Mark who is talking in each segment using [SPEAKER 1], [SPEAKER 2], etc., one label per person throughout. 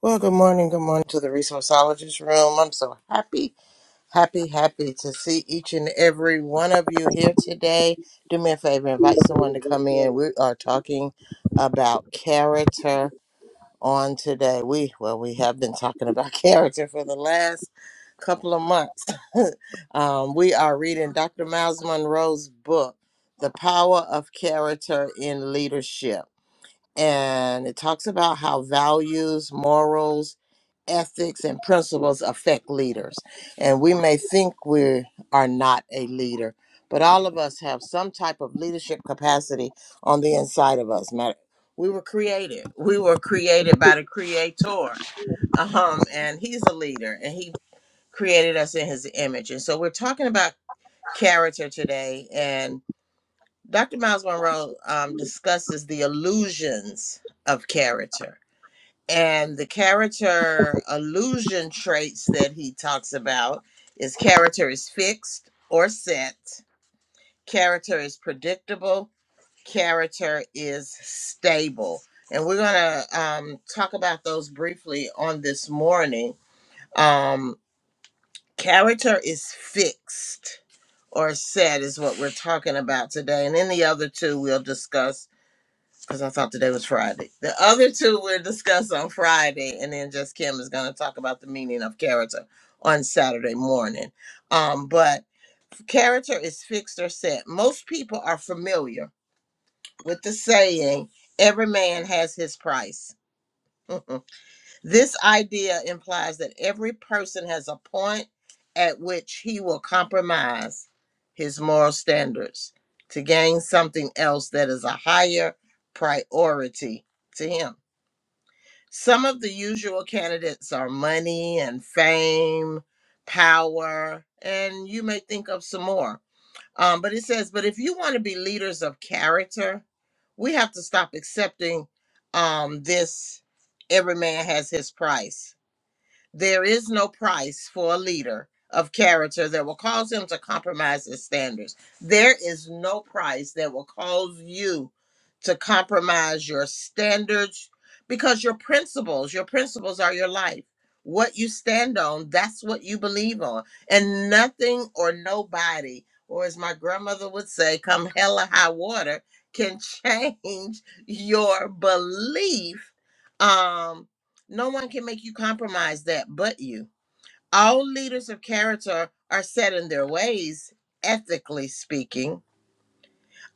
[SPEAKER 1] Well, good morning. Good morning to the resourceologist room. I'm so happy, happy, happy to see each and every one of you here today. Do me a favor, invite someone to come in. We are talking about character on today. We, well, we have been talking about character for the last couple of months. um, we are reading Dr. Miles Monroe's book, The Power of Character in Leadership. And it talks about how values, morals, ethics and principles affect leaders. And we may think we are not a leader, but all of us have some type of leadership capacity on the inside of us. Matter- We were created. We were created by the creator. Um, and he's a leader and he created us in his image. And so we're talking about character today. And Dr. Miles Monroe um, discusses the illusions of character and the character illusion traits that he talks about is character is fixed or set character is predictable character is stable and we're going to um, talk about those briefly on this morning um, character is fixed or set is what we're talking about today and then the other two we'll discuss because I thought today was Friday. The other two we'll discuss on Friday, and then just Kim is going to talk about the meaning of character on Saturday morning. Um, but character is fixed or set. Most people are familiar with the saying, every man has his price. this idea implies that every person has a point at which he will compromise his moral standards to gain something else that is a higher priority to him. Some of the usual candidates are money and fame, power, and you may think of some more. Um, but it says, but if you want to be leaders of character, we have to stop accepting um, this every man has his price there is no price for a leader of character that will cause him to compromise his standards. There is no price that will cause you to compromise your standards because your principles, your principles are your life. What you stand on, that's what you believe on. And nothing or nobody, or as my grandmother would say, come hell or high water, can change your belief. Um, no one can make you compromise that but you. All leaders of character are set in their ways, ethically speaking.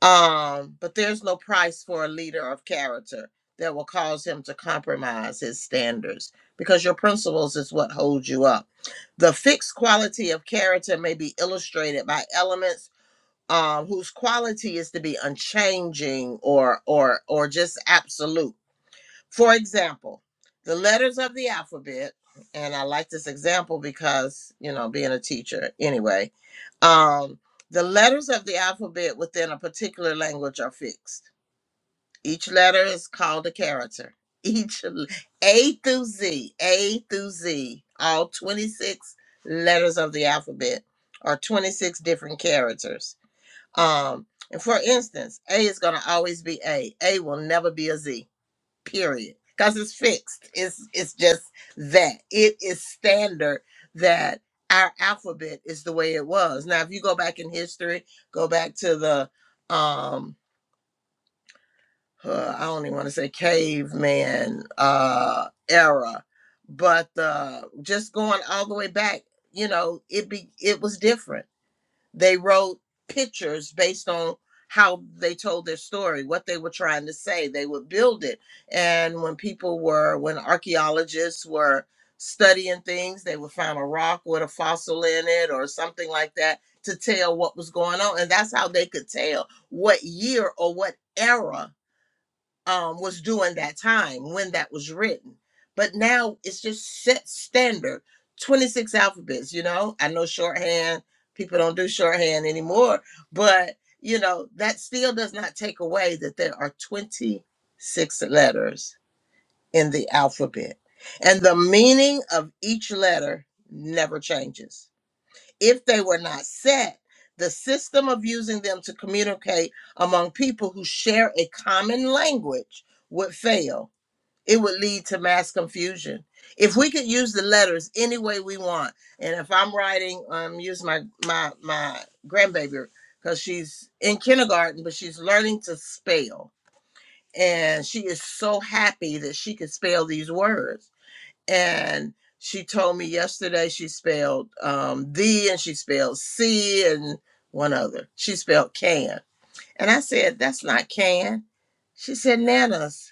[SPEAKER 1] Um, but there's no price for a leader of character that will cause him to compromise his standards because your principles is what holds you up. The fixed quality of character may be illustrated by elements um, whose quality is to be unchanging or or or just absolute for example, the letters of the alphabet, and I like this example because, you know, being a teacher anyway, um, the letters of the alphabet within a particular language are fixed. Each letter is called a character. Each l- A through Z, A through Z, all 26 letters of the alphabet are 26 different characters. Um, and for instance, A is going to always be A. A will never be a Z period because it's fixed it's it's just that it is standard that our alphabet is the way it was now if you go back in history go back to the um uh, i don't even want to say caveman uh era but uh just going all the way back you know it be it was different they wrote pictures based on how they told their story, what they were trying to say. They would build it. And when people were, when archaeologists were studying things, they would find a rock with a fossil in it or something like that to tell what was going on. And that's how they could tell what year or what era um, was doing that time when that was written. But now it's just set standard 26 alphabets, you know? I know shorthand, people don't do shorthand anymore, but you know, that still does not take away that there are 26 letters in the alphabet. And the meaning of each letter never changes if they were not set, the system of using them to communicate among people who share a common language would fail. It would lead to mass confusion. If we could use the letters any way we want, and if I'm writing, um, use my my my grandbaby because she's in kindergarten, but she's learning to spell, and she is so happy that she can spell these words and she told me yesterday she spelled um the and she spelled c and one other she spelled can and i said that's not can she said nanas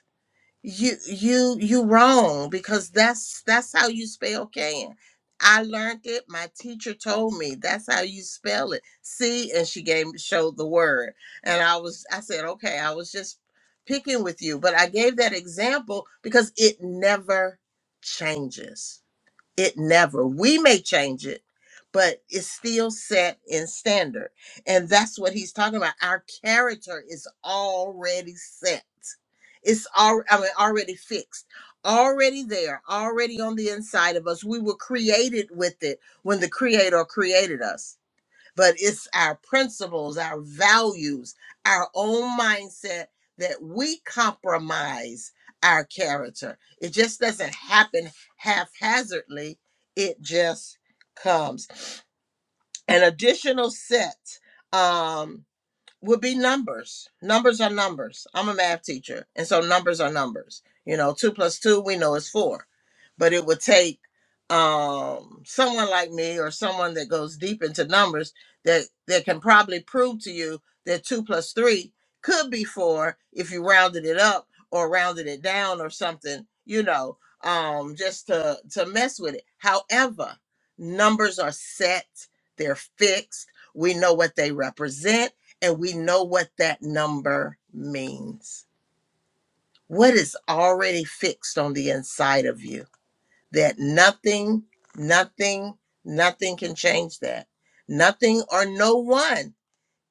[SPEAKER 1] you you you wrong because that's that's how you spell can i learned it my teacher told me that's how you spell it see and she gave showed the word and i was i said okay i was just picking with you but i gave that example because it never changes it never. We may change it, but it's still set in standard. And that's what he's talking about. Our character is already set. It's all I mean, already fixed, already there, already on the inside of us. We were created with it when the creator created us but it's our principles, our values, our own mindset that we compromise our character. It just doesn't happen haphazardly, it just comes. An additional set. um, would be numbers. Numbers are numbers. I'm a math teacher, and so numbers are numbers. You know, two plus two, we know is four. But it would take um someone like me or someone that goes deep into numbers that that can probably prove to you that two plus three could be four if you rounded it up or rounded it down or something, you know, um, just to to mess with it. However, numbers are set, they're fixed, we know what they represent and we know what that number means. What is already fixed on the inside of you that nothing, nothing, nothing can change that. Nothing or no one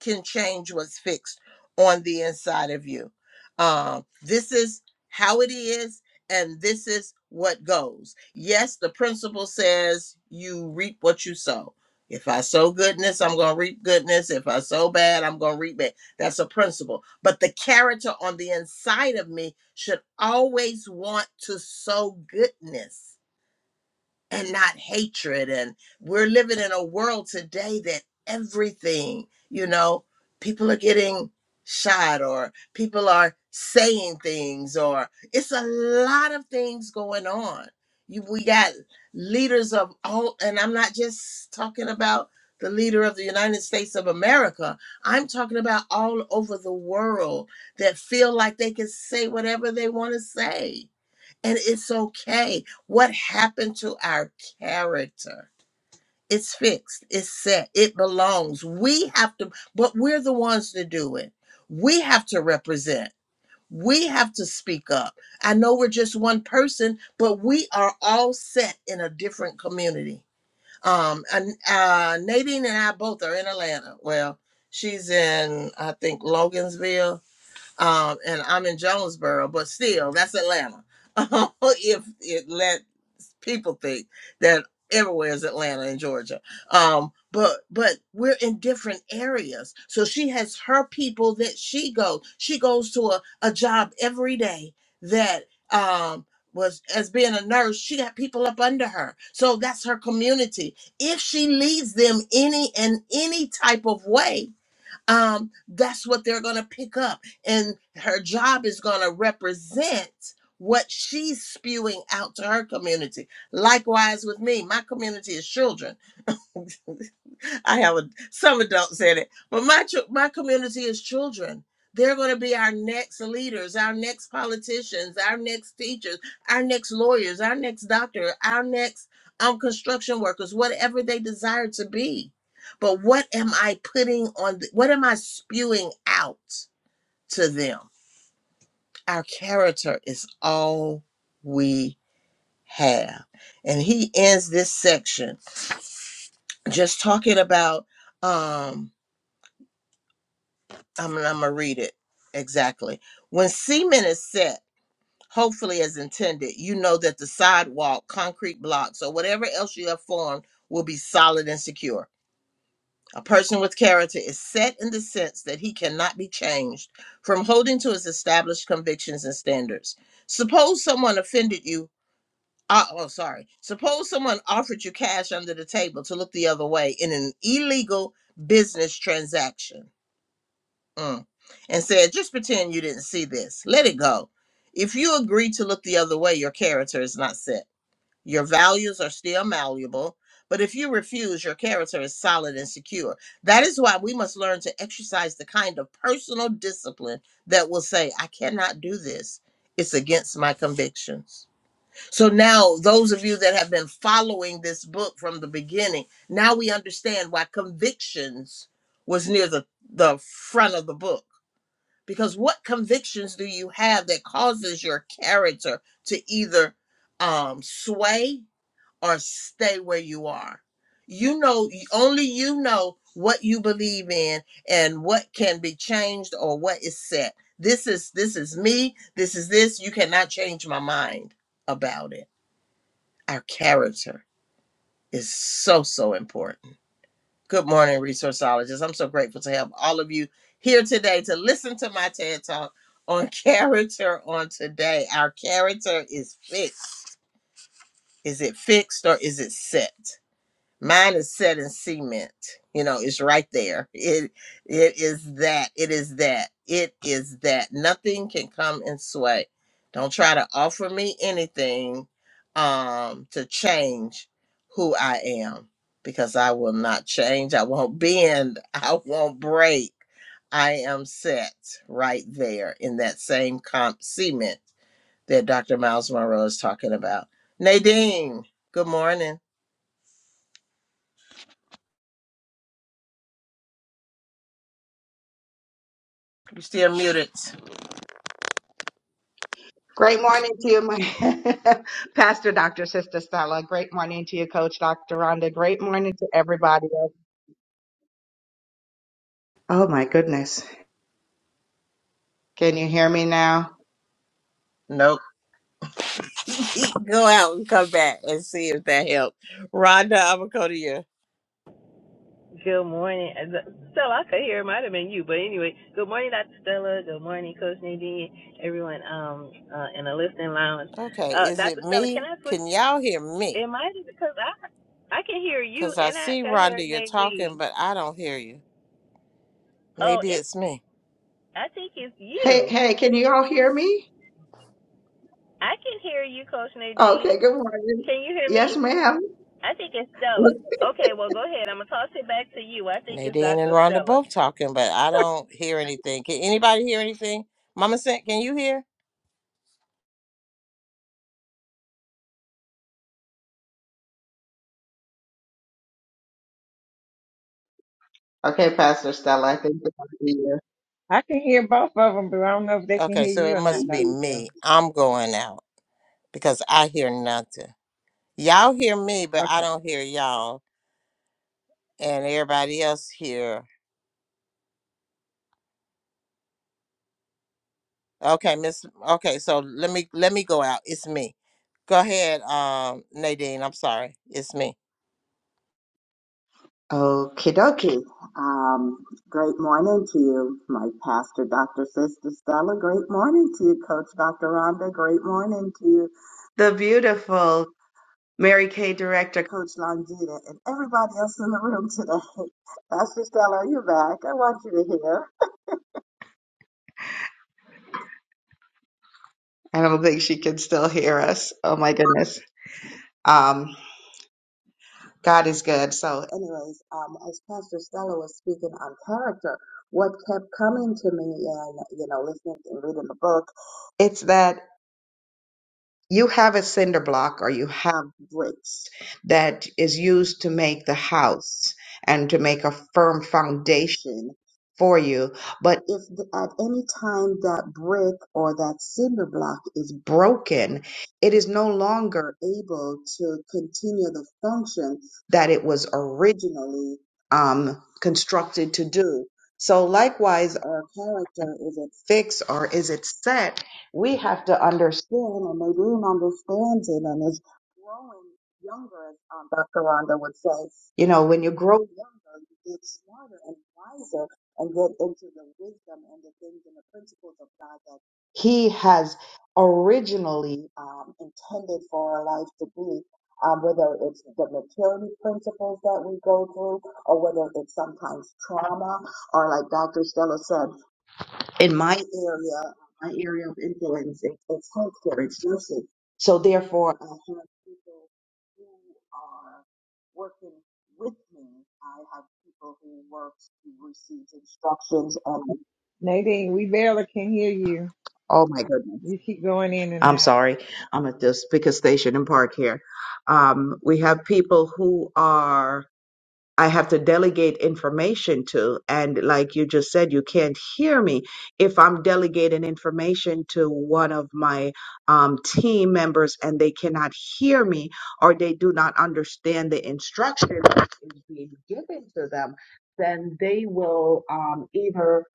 [SPEAKER 1] can change what's fixed on the inside of you. Um, this is how it is, and this is what goes. Yes, the principle says you reap what you sow. If I sow goodness, I'm going to reap goodness. If I sow bad, I'm going to reap bad. That's a principle. But the character on the inside of me should always want to sow goodness and not hatred. And we're living in a world today that everything, you know, people are getting shot or people are saying things or it's a lot of things going on. You, we got leaders of all, and I'm not just talking about the leader of the United States of America. I'm talking about all over the world that feel like they can say whatever they want to say and it's okay. What happened to our character? It's fixed, it's set, it belongs. We have to, but we're the ones to do it. We have to represent, we have to speak up. I know we're just one person, but we are all set in a different community. Um, and uh, Nadine and I both are in Atlanta. Well, she's in, I think, Logan'sville um, and I'm in Jonesboro, but still, that's Atlanta. if it let people think that everywhere is Atlanta in Georgia, um, but but we're in different areas. So she has her people that she goes. She goes to a, a job every day that um was as being a nurse she got people up under her so that's her community if she leads them any in any type of way um, that's what they're going to pick up. And her job is going to represent what she's spewing out to her community. Likewise with me, my community is children. I have a, some adults in it, but my chil- my community is children. They're going to be our next leaders, our next politicians, our next teachers, our next lawyers, our next doctor, our next um, construction workers, whatever they desire to be. But what am I putting on? th- what am I spewing out to them? Our character is all we have, and he ends this section just talking about um I'm, I'm gonna read it exactly. When cement is set, hopefully as intended, you know that the sidewalk, concrete blocks, or whatever else you have formed will be solid and secure. A person with character is set in the sense that he cannot be changed from holding to his established convictions and standards. Suppose someone offended you. Uh, oh, sorry. Suppose someone offered you cash under the table to look the other way in an illegal business transaction mm, and said, Just pretend you didn't see this. Let it go. If you agree to look the other way, your character is not set. Your values are still malleable. But if you refuse, your character is solid and secure. That is why we must learn to exercise the kind of personal discipline that will say, I cannot do this. It's against my convictions. So now, those of you that have been following this book from the beginning, now we understand why convictions was near the, the front of the book because what convictions do you have that causes your character to either um, sway or stay where you are you know only you know what you believe in and what can be changed or what is set this is this is me this is this you cannot change my mind about it our character is so so important Good morning, resourceologists. I'm so grateful to have all of you here today to listen to my TED Talk on character on today. Our character is fixed. Is it fixed or is it set? mine is set in cement you know it's right there it it is that it is that it is that nothing can come and sway don't try to offer me anything um to change who i am because i will not change i won't bend i won't break i am set right there in that same comp cement that dr miles monroe is talking about nadine good morning you still muted
[SPEAKER 2] Great morning to you, my Pastor Dr. Sister Stella. Great morning to you, Coach Dr. Rhonda. Great morning to everybody. else. Oh my goodness. Can you hear me now?
[SPEAKER 1] Nope. Eat, Go out and come back and see if that helps. Rhonda, I'm gonna go to you.
[SPEAKER 3] Good morning. Uh, Stella, I could hear it might have been you, but anyway, good morning, Dr. Stella. Good morning, Coach Nadine, everyone um uh, in the listening lounge.
[SPEAKER 1] Okay,
[SPEAKER 3] Uh,
[SPEAKER 1] is it
[SPEAKER 3] Dr. Stella, can
[SPEAKER 1] me?
[SPEAKER 3] I switch?
[SPEAKER 1] Can y'all hear me?
[SPEAKER 3] It might be because I I can hear you
[SPEAKER 1] Cause I
[SPEAKER 3] and I
[SPEAKER 1] see
[SPEAKER 3] can hear
[SPEAKER 1] Rhonda, you're talking,
[SPEAKER 3] Nadine.
[SPEAKER 1] but I don't hear you.
[SPEAKER 3] Oh,
[SPEAKER 1] Maybe
[SPEAKER 3] it's
[SPEAKER 1] it's me.
[SPEAKER 3] I think it's
[SPEAKER 2] Hey,
[SPEAKER 3] you.
[SPEAKER 2] hey, can you all hear me?
[SPEAKER 3] I can hear you, Coach
[SPEAKER 2] Okay,
[SPEAKER 3] Nadine.
[SPEAKER 2] good morning.
[SPEAKER 3] Can you hear
[SPEAKER 2] Yes,
[SPEAKER 3] me?
[SPEAKER 2] ma'am.
[SPEAKER 3] I think it's Stella. Okay, well go ahead. I'm gonna toss it back to you. I think it's
[SPEAKER 1] Nadine and
[SPEAKER 3] Dr.
[SPEAKER 1] Rhonda
[SPEAKER 3] Stella.
[SPEAKER 1] both talking, but I don't hear anything. Can anybody hear anything? Mama sent, can you hear?
[SPEAKER 2] Okay, Pastor Stella, I think it's on to
[SPEAKER 4] I can hear both of them, but I don't know if they can
[SPEAKER 1] Okay,
[SPEAKER 4] hear
[SPEAKER 1] so
[SPEAKER 4] you
[SPEAKER 1] it
[SPEAKER 4] or not,
[SPEAKER 1] must be
[SPEAKER 4] Dr.
[SPEAKER 2] you.
[SPEAKER 4] Phil.
[SPEAKER 1] me. I'm going out because I hear nothing. Y'all hear me, but I
[SPEAKER 4] Okay.
[SPEAKER 1] don't hear y'all. And everybody else here Okay, Miss. Okay, so let me let me go out. It's me. Go ahead, um, Nadine. I'm sorry. It's me.
[SPEAKER 2] Okie dokie. Um, great morning to you, my pastor, Dr. Sister Stella. Great morning to you, Coach Dr. Rhonda. Great morning to you, the beautiful Mary Kay director Coach Longita and everybody else in the room today. Pastor Stella, you are back? I want you to hear. I don't think she can still hear us. Oh my goodness. Um, God is good. So, anyways, um, as Pastor Stella was speaking on character, what kept coming to me and you know listening and reading the book, it's that. you have a cinder block or you have bricks that is used to make the house and to make a firm foundation for you. But if th- at any time that brick or that cinder block is broken, it is no longer able to continue the function that it was originally um, constructed to do. So likewise, our character, is it fixed or is it set? We have to understand, and they didn't understand it, and it's growing younger, as um, Dr. Rhonda would say. You know, when you grow younger, you get smarter and wiser and get into the wisdom and the things and the principles of God that He has originally um, intended for our life to be. Um, whether it's the maturity principles that we go through, or whether it's sometimes trauma, or like Dr. Stella said, in my area, my area of influence, it, it's healthcare, it's nursing. So therefore, I have people who are working with me. I have people who work, who receives instructions, and
[SPEAKER 4] Nadine, we barely can hear you.
[SPEAKER 2] oh my goodness,
[SPEAKER 4] You keep going in and
[SPEAKER 2] I'm
[SPEAKER 4] out.
[SPEAKER 2] sorry, I'm at this biggest station in Park here. Um, we have people who are I have to delegate information to. And like you just said, you can't hear me if I'm delegating information to one of my um, team members and they cannot hear me or they do not understand the instruction that is being given to them, then they will um, either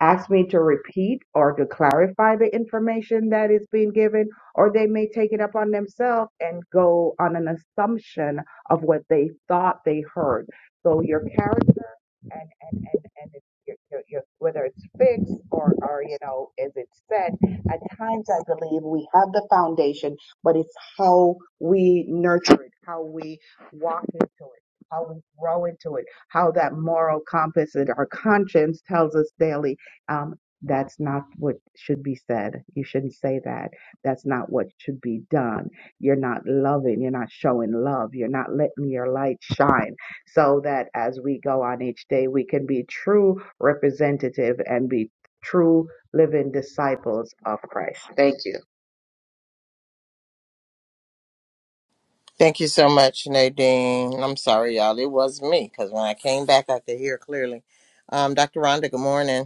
[SPEAKER 2] ask me to repeat or to clarify the information that is being given, or they may take it upon themselves and go on an assumption of what they thought they heard so your character and and and and it's your, your, your, whether it's fixed or or you know is it set. At times, I believe we have the foundation, but it's how we nurture it, how we walk into it, how we grow into it, how that moral compass that our conscience tells us daily. Um, that's not what should be said. You shouldn't say that. That's not what should be done you're not loving, you're not showing love, you're not letting your light shine so that as we go on each day, we can be true representative and be true living disciples of Christ. Thank you.
[SPEAKER 1] Thank you so much, Nadine. I'm sorry, y'all. It was me because when I came back, I could hear clearly. Um, Dr. Rhonda. Good morning.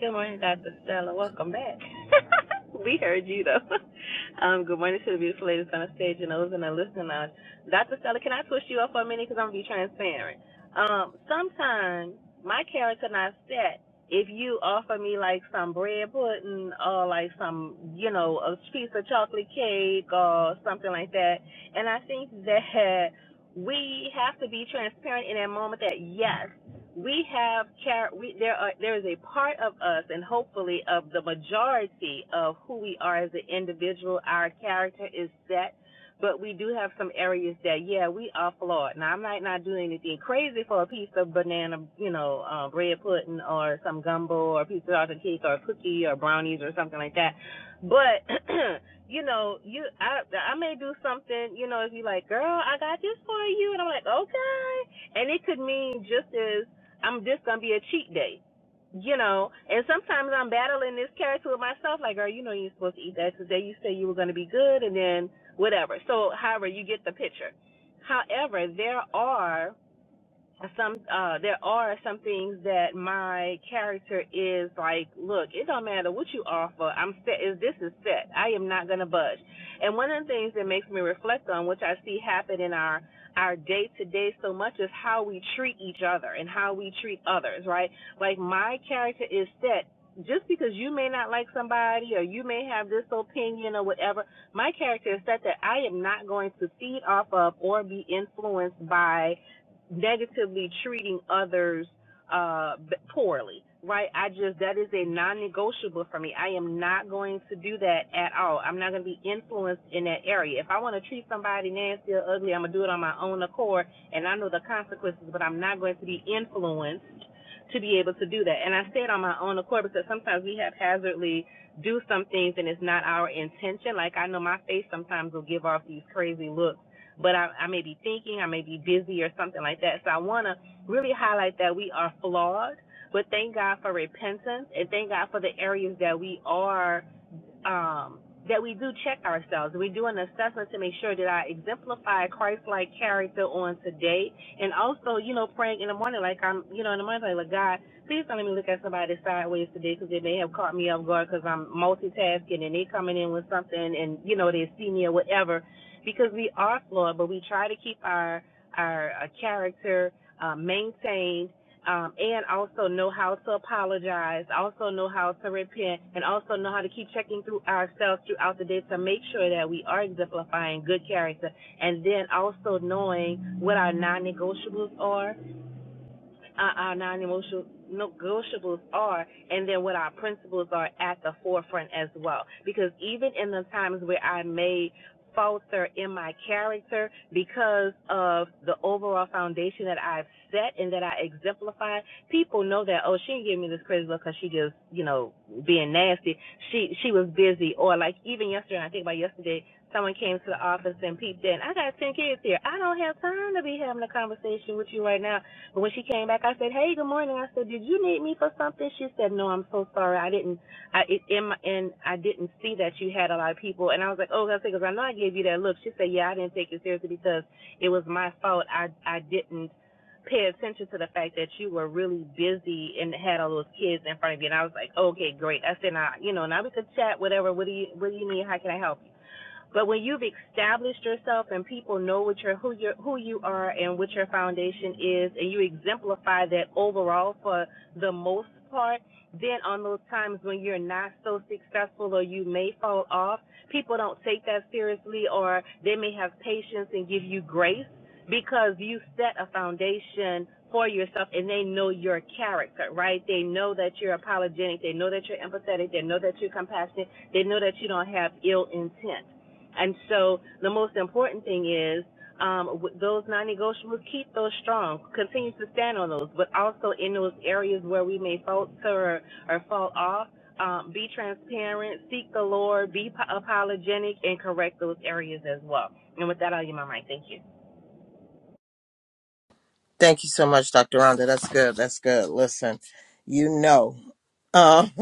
[SPEAKER 3] Good morning, Dr. Stella. Welcome back. we heard you though. Um, good morning to the beautiful ladies on the stage and those in the listening lounge. Dr. Stella, can I twist you up for a minute? Because I'm gonna be transparent. Um, sometimes my character not set. If you offer me like some bread pudding or like some, you know, a piece of chocolate cake or something like that, and I think that we have to be transparent in that moment that yes we have char- we, there are there is a part of us and hopefully of the majority of who we are as an individual our character is set but we do have some areas that yeah we are flawed now i might not do anything crazy for a piece of banana you know uh, bread pudding or some gumbo or a piece of chocolate cake or a cookie or brownies or something like that but you know you i i may do something you know if you like girl i got this for you and i'm like okay and it could mean just as I'm just gonna be a cheat day. You know, and sometimes I'm battling this character with myself, like, girl, you know you're supposed to eat that today. You said you were gonna be good and then whatever. So however, you get the picture. However, there are some uh there are some things that my character is like look it don't matter what you offer i'm set is this is set i am not going to budge and one of the things that makes me reflect on which i see happen in our our day to day so much is how we treat each other and how we treat others right like my character is set just because you may not like somebody or you may have this opinion or whatever my character is set that i am not going to feed off of or be influenced by negatively treating others uh poorly right i just that is a non-negotiable for me i am not going to do that at all i'm not going to be influenced in that area if i want to treat somebody nasty or ugly i'm going to do it on my own accord and i know the consequences but i'm not going to be influenced to be able to do that and i say it on my own accord because sometimes we haphazardly do some things and it's not our intention like i know my face sometimes will give off these crazy looks but I, I may be thinking, I may be busy or something like that. So I want to really highlight that we are flawed, but thank God for repentance and thank God for the areas that we are um, that we do check ourselves. We do an assessment to make sure that I exemplify Christ-like character on today, and also, you know, praying in the morning like I'm, you know, in the morning like, God, please don't let me look at somebody sideways today because they may have caught me off guard because I'm multitasking and they coming in with something and you know they see me or whatever, because we are flawed, but we try to keep our our uh, character uh, maintained um, and also know how to apologize, also know how to repent, and also know how to keep checking through ourselves throughout the day to make sure that we are exemplifying good character, and then also knowing what our non-negotiables are uh, our non-emotional negotiables are, and then what our principles are at the forefront as well. Because even in the times where I may falter in my character because of the overall foundation that I've set and that I exemplify, people know that oh she didn't give me this crazy look because she just you know being nasty. She she was busy or like even yesterday. I think about yesterday. Someone came to the office and peeped in. I got ten kids here. I don't have time to be having a conversation with you right now but when she came back, I said, "Hey, good morning." I said, "Did you need me for something?" She said, "No, I'm so sorry. I didn't. I it, in my, and I didn't see that you had a lot of people." And I was like, "Oh, that's because I know I gave you that look." She said, "Yeah, I didn't take it seriously because it was my fault. I I didn't." pay attention to the fact that you were really busy and had all those kids in front of you. And I was like, okay, great. I said, now, you know, now we could chat, whatever. What do you, what do you need? How can I help you? But when you've established yourself and people know what you're, who you who you are and what your foundation is, and you exemplify that overall for the most part, then on those times when you're not so successful or you may fall off, people don't take that seriously or they may have patience and give you grace because you set a foundation for yourself and they know your character, right? They know that you're apologetic, they know that you're empathetic, they know that you're compassionate, they know that you don't have ill intent. And so the most important thing is um, w- those non-negotiables, keep those strong. Continue to stand on those, but also in those areas where we may falter or, or fall off, um, be transparent, seek the Lord, be po- apologetic, and correct those areas as well. And with that, I'll give my mic. Thank you.
[SPEAKER 1] Thank you so much, Dr. Rhonda. That's good. That's good. Listen, you know, uh,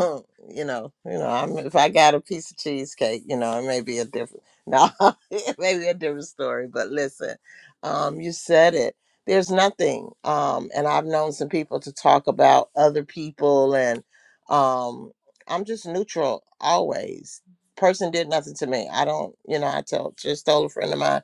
[SPEAKER 1] you know, you know, I'm, if I got a piece of cheesecake, you know, it may be a different, no, it may be a different story, but listen, um, you said it. There's nothing. Um, and I've known some people to talk about other people and, um, I'm just neutral always. Person did nothing to me. I don't, you know, I told, just told a friend of mine,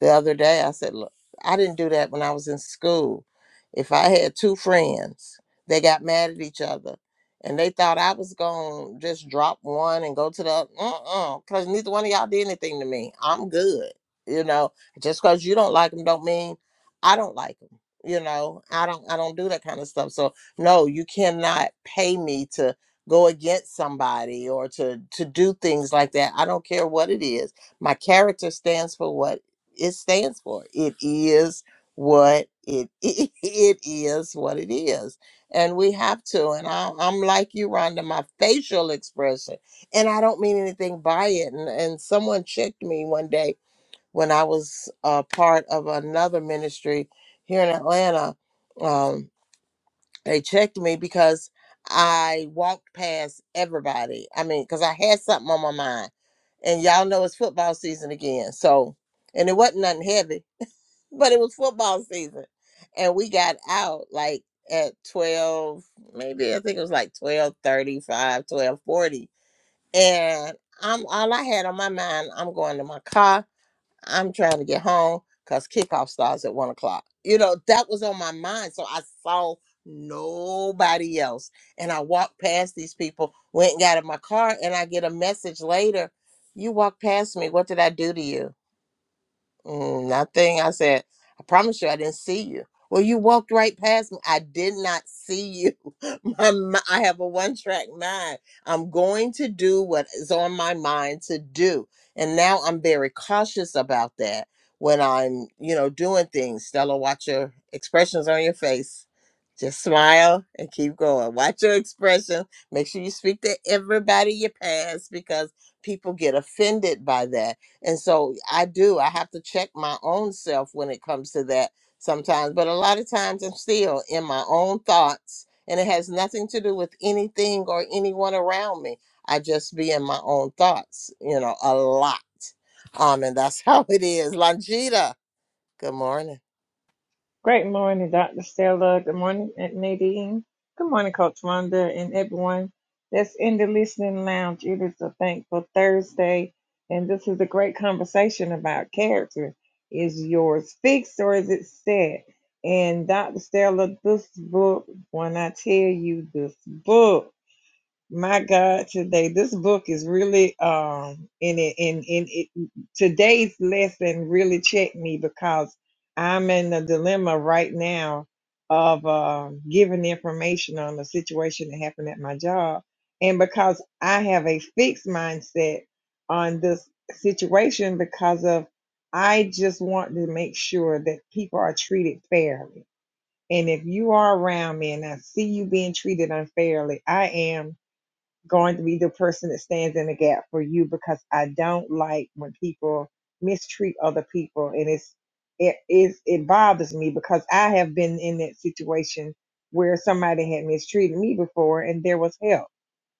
[SPEAKER 1] the other day. I said, Look, I didn't do that when I was in school. If I had two friends, they got mad at each other and they thought I was going to just drop one and go to the uh because neither one of y'all did anything to me. I'm good. You know, just because you don't like them don't mean I don't like them. You know, I don't I don't do that kind of stuff. So no, you cannot pay me to go against somebody or to to do things like that. I don't care what it is. My character stands for what it stands for. It is what it it is what it is, and we have to. And I, I'm like you, Rhonda. My facial expression, and I don't mean anything by it. And and someone checked me one day when I was uh, part of another ministry here in Atlanta. Um, they checked me because I walked past everybody. I mean, because I had something on my mind, and y'all know it's football season again, so. And it wasn't nothing heavy but it was football season and we got out like at 12 maybe i think it was like 12 35, 12 40. and i'm all i had on my mind i'm going to my car i'm trying to get home because kickoff starts at one o'clock you know that was on my mind so i saw nobody else and i walked past these people went and got in my car and i get a message later you walked past me what did i do to you Mm, nothing. I said, I promise you, I didn't see you. Well, you walked right past me. I did not see you. My, mi- I have a one track mind. I'm going to do what is on my mind to do. And now I'm very cautious about that when I'm, you know, doing things. Stella, watch your expressions on your face. Just smile and keep going. Watch your expression. Make sure you speak to everybody you pass because people get offended by that and so I do, I have to check my own self when it comes to that sometimes. But a lot of times I'm still in my own thoughts and it has nothing to do with anything or anyone around me. I just be in my own thoughts, you know, a lot. Um, and that's how it is. Longita, good morning.
[SPEAKER 4] Great morning, Dr. Stella. Good morning, Aunt Nadine. Good morning, Coach Wanda and everyone that's in the listening lounge. It is a thankful Thursday, and this is a great conversation about character. Is yours fixed or is it set? And Dr. Stella, this book, when I tell you this book, My God, today this book is really um in it in in it today's lesson really checked me because I'm in a dilemma right now of uh, giving information on the situation that happened at my job, and because I have a fixed mindset on this situation because of I just want to make sure that people are treated fairly. And if you are around me and I see you being treated unfairly, I am going to be the person that stands in the gap for you because I don't like when people mistreat other people and it's it is it bothers me because I have been in that situation where somebody had mistreated me before and there was help.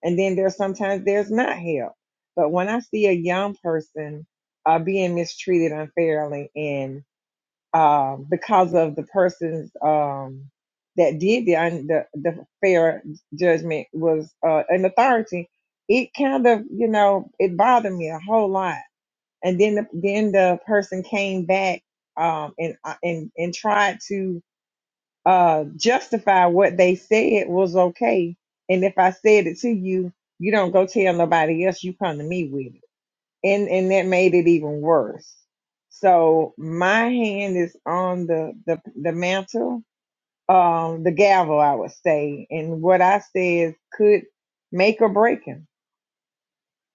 [SPEAKER 4] And then there's sometimes there's not help. But when I see a young person uh, being mistreated unfairly and um, because of the persons um, that did the, un- the the fair judgment was uh, an authority. It kind of you know it bothered me a whole lot. And then the, then the person came back um, and uh, and and tried to uh, justify what they said was okay. And if I said it to you, you don't go tell nobody else. You come to me with it and and that made it even worse. So my hand is on the the, the mantle, um, the gavel, I would say, and what I said could make or break him.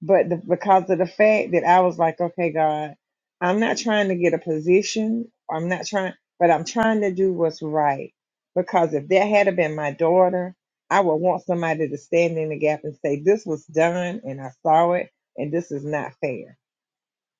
[SPEAKER 4] But the, because of the fact that I was like, okay, God, I'm not trying to get a position. I'm not trying, but I'm trying to do what's right. Because if that had have been my daughter, I would want somebody to stand in the gap and say, this was done, and I saw it, and this is not fair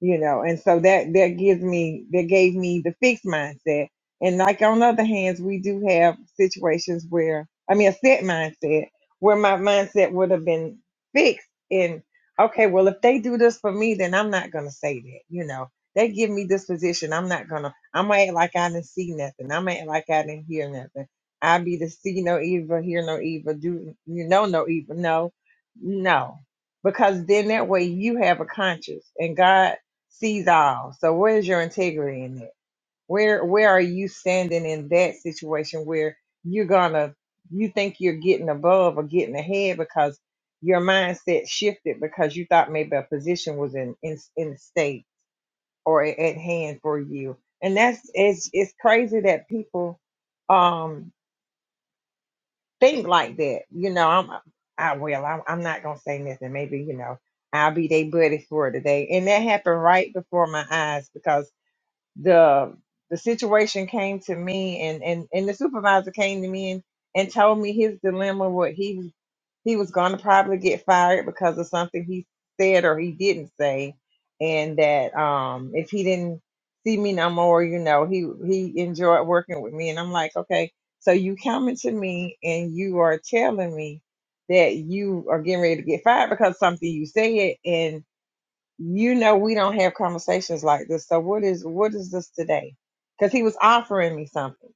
[SPEAKER 4] you know and so that that gives me that gave me the fixed mindset and like on other hands we do have situations where i mean a set mindset where my mindset would have been fixed in okay well if they do this for me then i'm not going to say that you know they give me this position i'm not going to i'm going to act like i didn't see nothing i'm going to act like i didn't hear nothing i be the see no evil hear no evil do you know no evil no no because then that way you have a conscience and god sees all. So where's your integrity in that? Where where are you standing in that situation where you're gonna you think you're getting above or getting ahead because your mindset shifted because you thought maybe a position was in in, in state or a- at hand for you. And that's it's it's crazy that people um think like that. You know, I'm I will. I'm, I'm not gonna say nothing. Maybe you know I'll be their buddy for today. And that happened right before my eyes because the the situation came to me and and and the supervisor came to me and and told me his dilemma what he was he was going to probably get fired because of something he said or he didn't say and that um if he didn't see me no more you know he he enjoyed working with me and i'm like okay so you coming to me and you are telling me that you are getting ready to get fired because something you said and you know we don't have conversations like this so what is what is this today because he was offering me something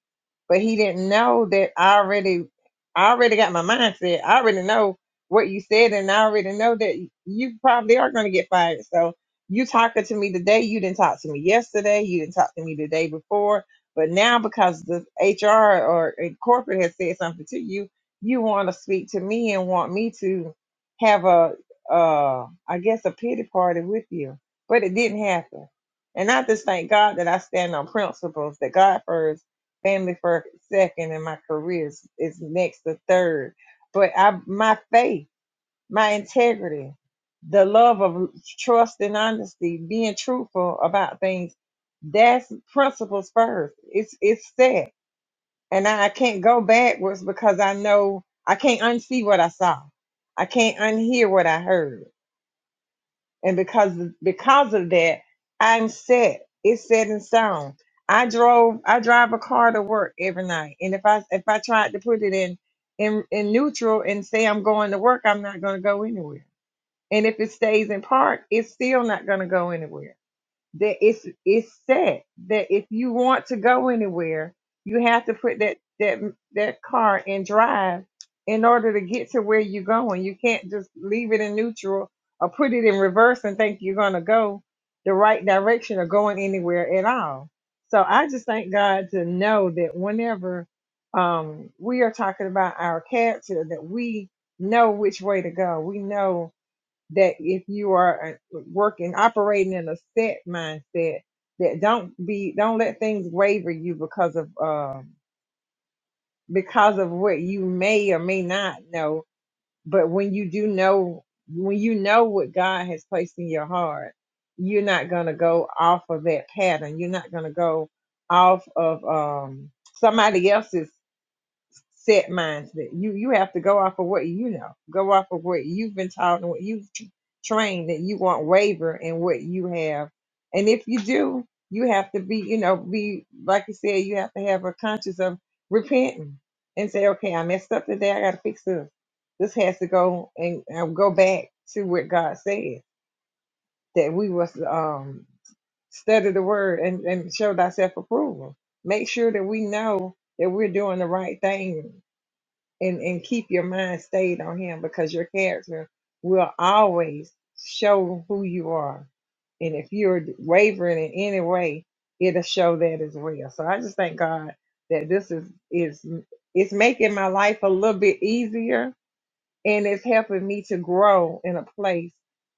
[SPEAKER 4] but he didn't know that i already i already got my mindset i already know what you said and i already know that you probably are going to get fired so you talking to me today you didn't talk to me yesterday you didn't talk to me the day before but now because the hr or uh, corporate has said something to you you want to speak to me and want me to have a uh, I guess a pity party with you. But it didn't happen. And I just thank God that I stand on principles that God first, family first, second, and my career is, is next to third. But I my faith, my integrity, the love of trust and honesty, being truthful about things, that's principles first. It's it's set. And I, I can't go backwards because I know I can't unsee what I saw. I can't unhear what I heard and because because of that, I'm set. It's set in stone. I drove I drive a car to work every night, and if I if I tried to put it in in in neutral and say I'm going to work, I'm not going to go anywhere. And if it stays in park, it's still not going to go anywhere that it's it's set that if you want to go anywhere, you have to put that that that car in drive in order to get to where you're going. You can't just leave it in neutral or put it in reverse and think you're gonna go the right direction or going anywhere at all. So I just thank God to know that whenever um, we are talking about our character, that we know which way to go. We know that if you are uh, working operating in a set mindset that don't be don't let things waver you because of um because of what you may or may not know but when you do know when you know what god has placed in your heart you're not going to go off of that pattern you're not going to go off of um somebody else's set mindset. You you have to go off of what you know. Go off of what you've been taught and what you've tr- trained that you won't waver in what you have. And if you do, you have to be, you know, be like you said, you have to have a conscience of repenting and say, okay, I messed up today. I got to fix this. This has to go and, and go back to what God said that we must um study the word and, and show thyself approval. Make sure that we know that we're doing the right thing and and keep your mind stayed on him because your character will always show who you are and if you're wavering in any way it'll show that as well so i just thank god that this is is it's making my life a little bit easier and it's helping me to grow in a place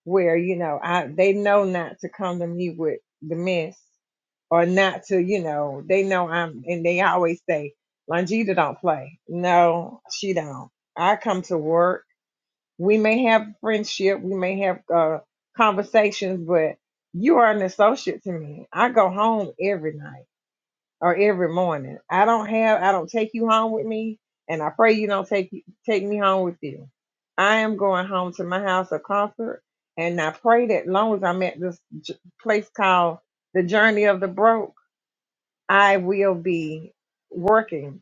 [SPEAKER 4] where you know I they know not to come to me with the mess or not to you know they know I'm and they always say Longita don't play no she don't I come to work we may have friendship we may have uh, conversations but you are an associate to me I go home every night or every morning. I don't have I don't take you home with me and I pray you don't take take me home with you. I am going home to my house of comfort and I pray that long as I'm at this j- place called the journey of the broke, I will be working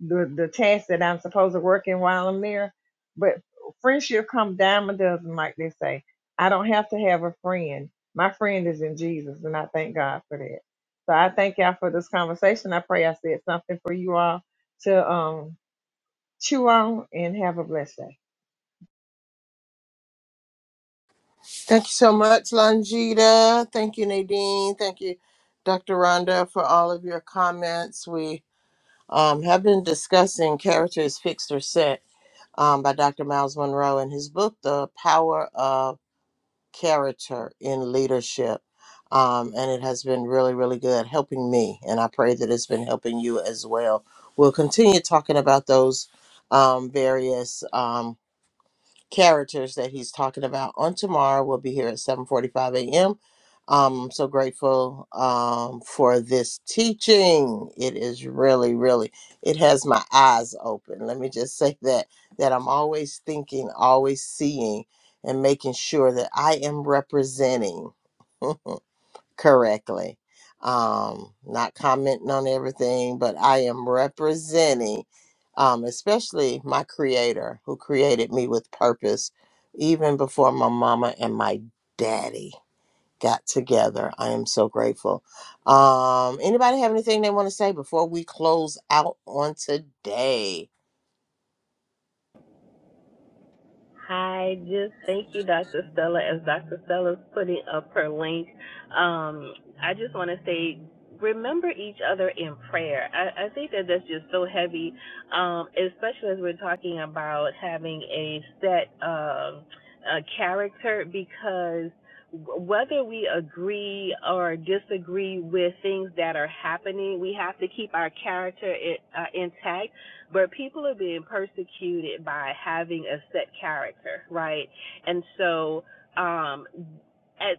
[SPEAKER 4] the the task that I'm supposed to work in while I'm there. But friendship come dime a dozen, like they say. I don't have to have a friend. My friend is in Jesus, and I thank God for that. So I thank y'all for this conversation. I pray I said something for you all to um chew on and have a blessed day.
[SPEAKER 1] Thank you so much, Longita. Thank you, Nadine. Thank you, Dr. Rhonda, for all of your comments. We um, have been discussing character is fixed or set um, by Dr. Miles Monroe in his book, The Power of Character in Leadership. Um, and it has been really, really good helping me. And I pray that it's been helping you as well. We'll continue talking about those um, various um, characters that he's talking about on tomorrow. We'll be here at 7:45 a.m. Um, I'm so grateful um, for this teaching. It is really, really, it has my eyes open. Let me just say that that I'm always thinking, always seeing, and making sure that I am representing correctly. Um, not commenting on everything, but I am representing, um, especially my creator who created me with purpose even before my mama and my daddy got together. I am so grateful. Um, anybody have anything they want to say before we close out on today?
[SPEAKER 3] I just thank you, Dr. Stella, as Dr. Stella's putting up her link. Um, I just want to say, remember each other in prayer. I, I think that that's just so heavy, um, especially as we're talking about having a set um, a character, because whether we agree or disagree with things that are happening, we have to keep our character i- uh, intact but people are being persecuted by having a set character, right? And so um at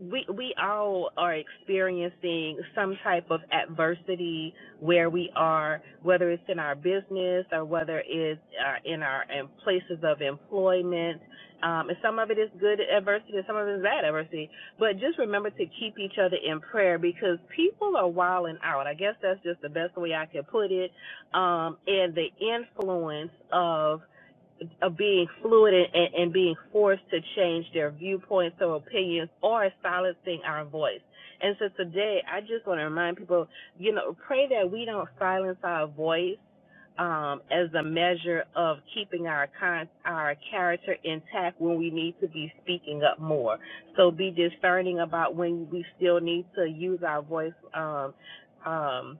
[SPEAKER 3] we we all are experiencing some type of adversity where we are, whether it's in our business or whether it's uh, in our in places of employment. Um, and some of it is good adversity, and some of it is bad adversity. But just remember to keep each other in prayer because people are wilding out. I guess that's just the best way I can put it. Um, and the influence of of being fluid and, and, being forced to change their viewpoints or opinions or silencing our voice. And so today, I just want to remind people, you know, pray that we don't silence our voice um, as a measure of keeping our con- our character intact when we need to be speaking up more. So be discerning about when we still need to use our voice. Um, um,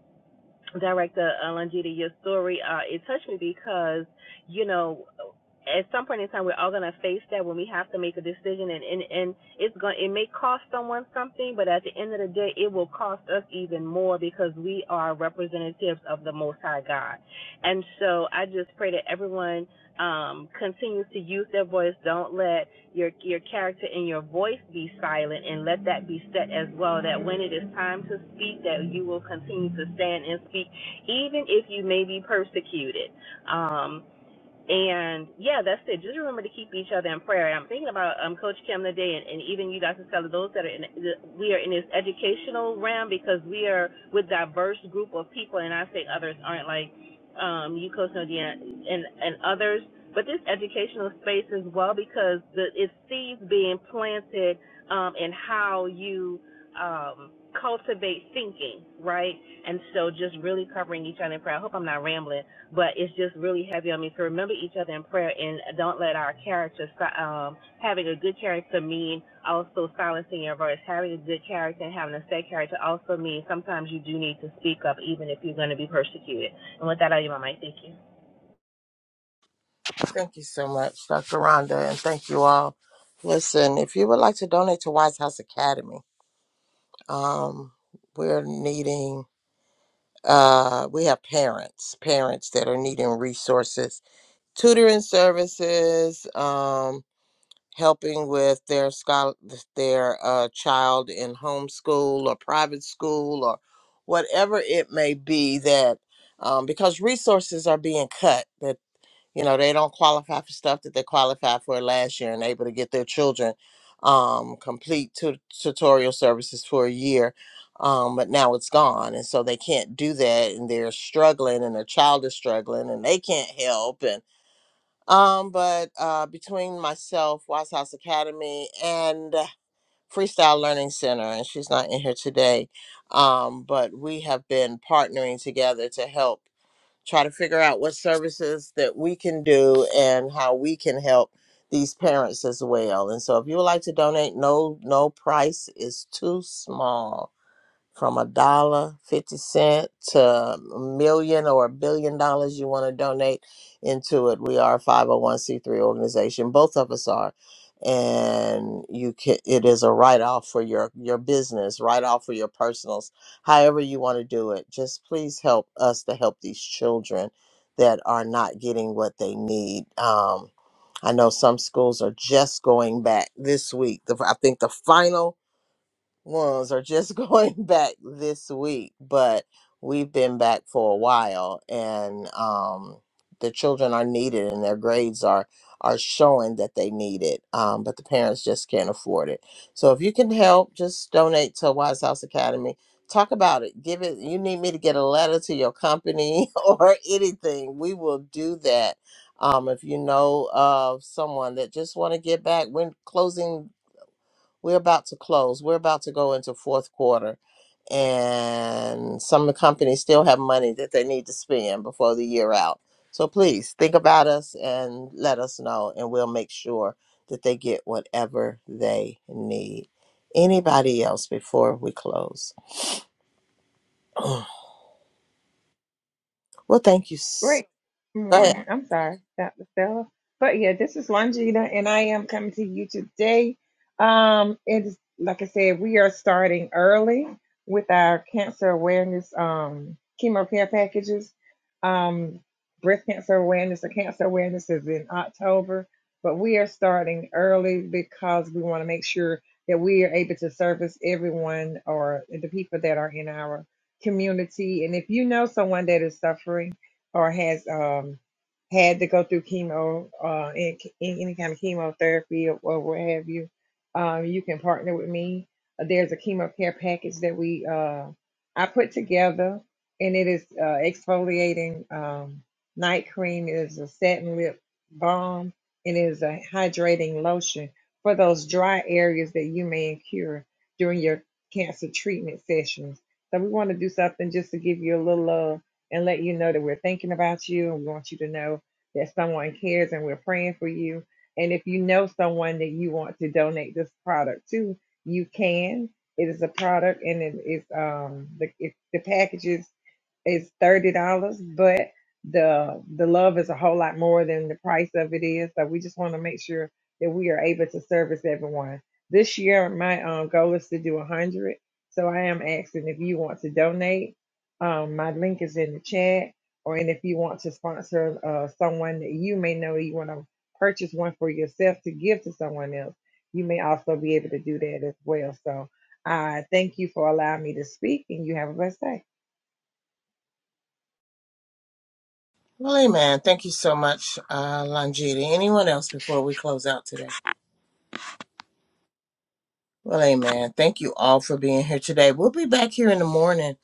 [SPEAKER 3] Director uh, Longita, your story, uh, it touched me because, you know, at some point in time, we're all going to face that when we have to make a decision, and, and, and it's going it may cost someone something, but at the end of the day, it will cost us even more because we are representatives of the Most High God. And so I just pray that everyone um, continue to use their voice. Don't let your your character and your voice be silent, and let that be set as well. That when it is time to speak, that you will continue to stand and speak, even if you may be persecuted. Um, and yeah, that's it. Just remember to keep each other in prayer. And I'm thinking about um, Coach Kim today, and, and even you guys and tell those that are in we are in this educational realm because we are with diverse group of people, and I say others aren't like um, you, Coach Nadia, and and others, but this educational space as well because the it's seeds being planted um, in how you um, cultivate thinking, right? And so just really covering each other in prayer. I hope I'm not rambling but it's just really heavy on me. So remember each other in prayer and don't let our character, si- um, having a good character mean also silencing your voice. Having a good character and having a safe character also means sometimes you do need to speak up even if you're going to be persecuted. And with that, I give my mic. Thank you.
[SPEAKER 1] Thank you so much, Dr. Rhonda, and thank you all. Listen, if you would like to donate to Wise House Academy, um, we're needing uh, we have parents, parents that are needing resources, tutoring services, um, helping with their scholar, their uh, child in homeschool or private school or whatever it may be that, um, because resources are being cut. that you know they don't qualify for stuff that they qualified for last year and able to get their children um complete tu- tutorial services for a year um but now it's gone and so they can't do that and they're struggling and their child is struggling and they can't help and um but uh between myself wise house academy and freestyle learning center and she's not in here today um but we have been partnering together to help try to figure out what services that we can do and how we can help these parents as well. And so if you would like to donate, no no price is too small from a dollar fifty cent to a million or a billion dollars you want to donate into it. We are a five hundred one c three organization. Both of us are, and you can. It is a write off for your your business, write off for your personals, however you want to do it. Just please help us to help these children that are not getting what they need. Um, I know some schools are just going back this week. The, I think the final ones are just going back this week, but we've been back for a while, and um, the children are needed, and their grades are are showing that they need it, um, but the parents just can't afford it. So if you can help, just donate to Wise House Academy. Talk about it. Give it. You need me to get a letter to your company or anything. We will do that. Um, if you know of someone that just want to get back, we're closing we're about to close. We're about to go into fourth quarter, and some of the companies still have money that they need to spend before the year out. So please think about us and let us know, and we'll make sure that they get whatever they need. Anybody else before we close? well, thank you so.
[SPEAKER 4] Great
[SPEAKER 1] Go
[SPEAKER 4] morning. I'm sorry, Dr. Stella. But yeah, this is Longita, and I am coming to you today. Um, it is like I said, we are starting early with our cancer awareness um chemo care packages. Um, breast cancer awareness or cancer awareness is in October, but we are starting early because we want to make sure that we are able to service everyone or the people that are in our community. And if you know someone that is suffering, or has um, had to go through chemo, uh, in, in any kind of chemotherapy or, or what have you, um, you can partner with me. Uh, There's a chemo care package that we uh, I put together, and it is uh, exfoliating um, night cream. It is a satin lip balm. It is a hydrating lotion for those dry areas that you may incur during your cancer treatment sessions. So we want to do something just to give you a little uh and let you know that we're thinking about you and we want you to know that someone cares and we're praying for you. And if you know someone that you want to donate this product to, you can. It is a product and it is um the it, the packages is thirty dollars, but the the love is a whole lot more than the price of it is. So we just want to make sure that we are able to service everyone. This year, my um, goal is to do a hundred. So I am asking if you want to donate um, my link is in the chat, or and if you want to sponsor uh, someone that you may know you want to purchase one for yourself to give to someone else, you may also be able to do that as well. So I thank you for allowing me to speak, and you have a blessed day.
[SPEAKER 1] Well, amen. Thank you so much, uh, Longita. Anyone else before we close out today? Well, amen. Thank you all for being here today. We'll be back here in the morning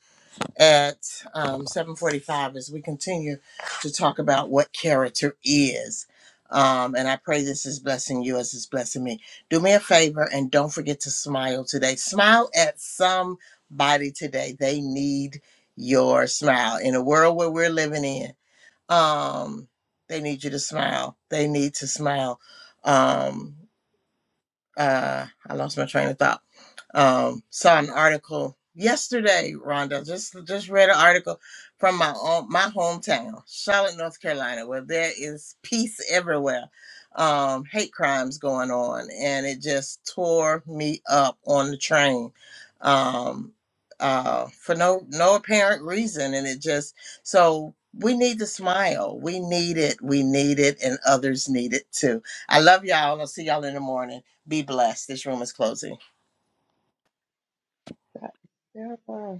[SPEAKER 1] at um, 7.45 as we continue to talk about what character is um, and i pray this is blessing you as it's blessing me do me a favor and don't forget to smile today smile at somebody today they need your smile in a world where we're living in um, they need you to smile they need to smile um, uh, I lost my train of thought. Um, saw an article yesterday, Rhonda. Just just read an article from my own my hometown, Charlotte, North Carolina, where there is peace everywhere. Um, hate crimes going on, and it just tore me up on the train. Um, uh, for no no apparent reason, and it just so we need to smile. We need it. We need it, and others need it too. I love y'all. I'll see y'all in the morning. Be blessed. This room is closing.
[SPEAKER 4] Bye. Yeah, bye.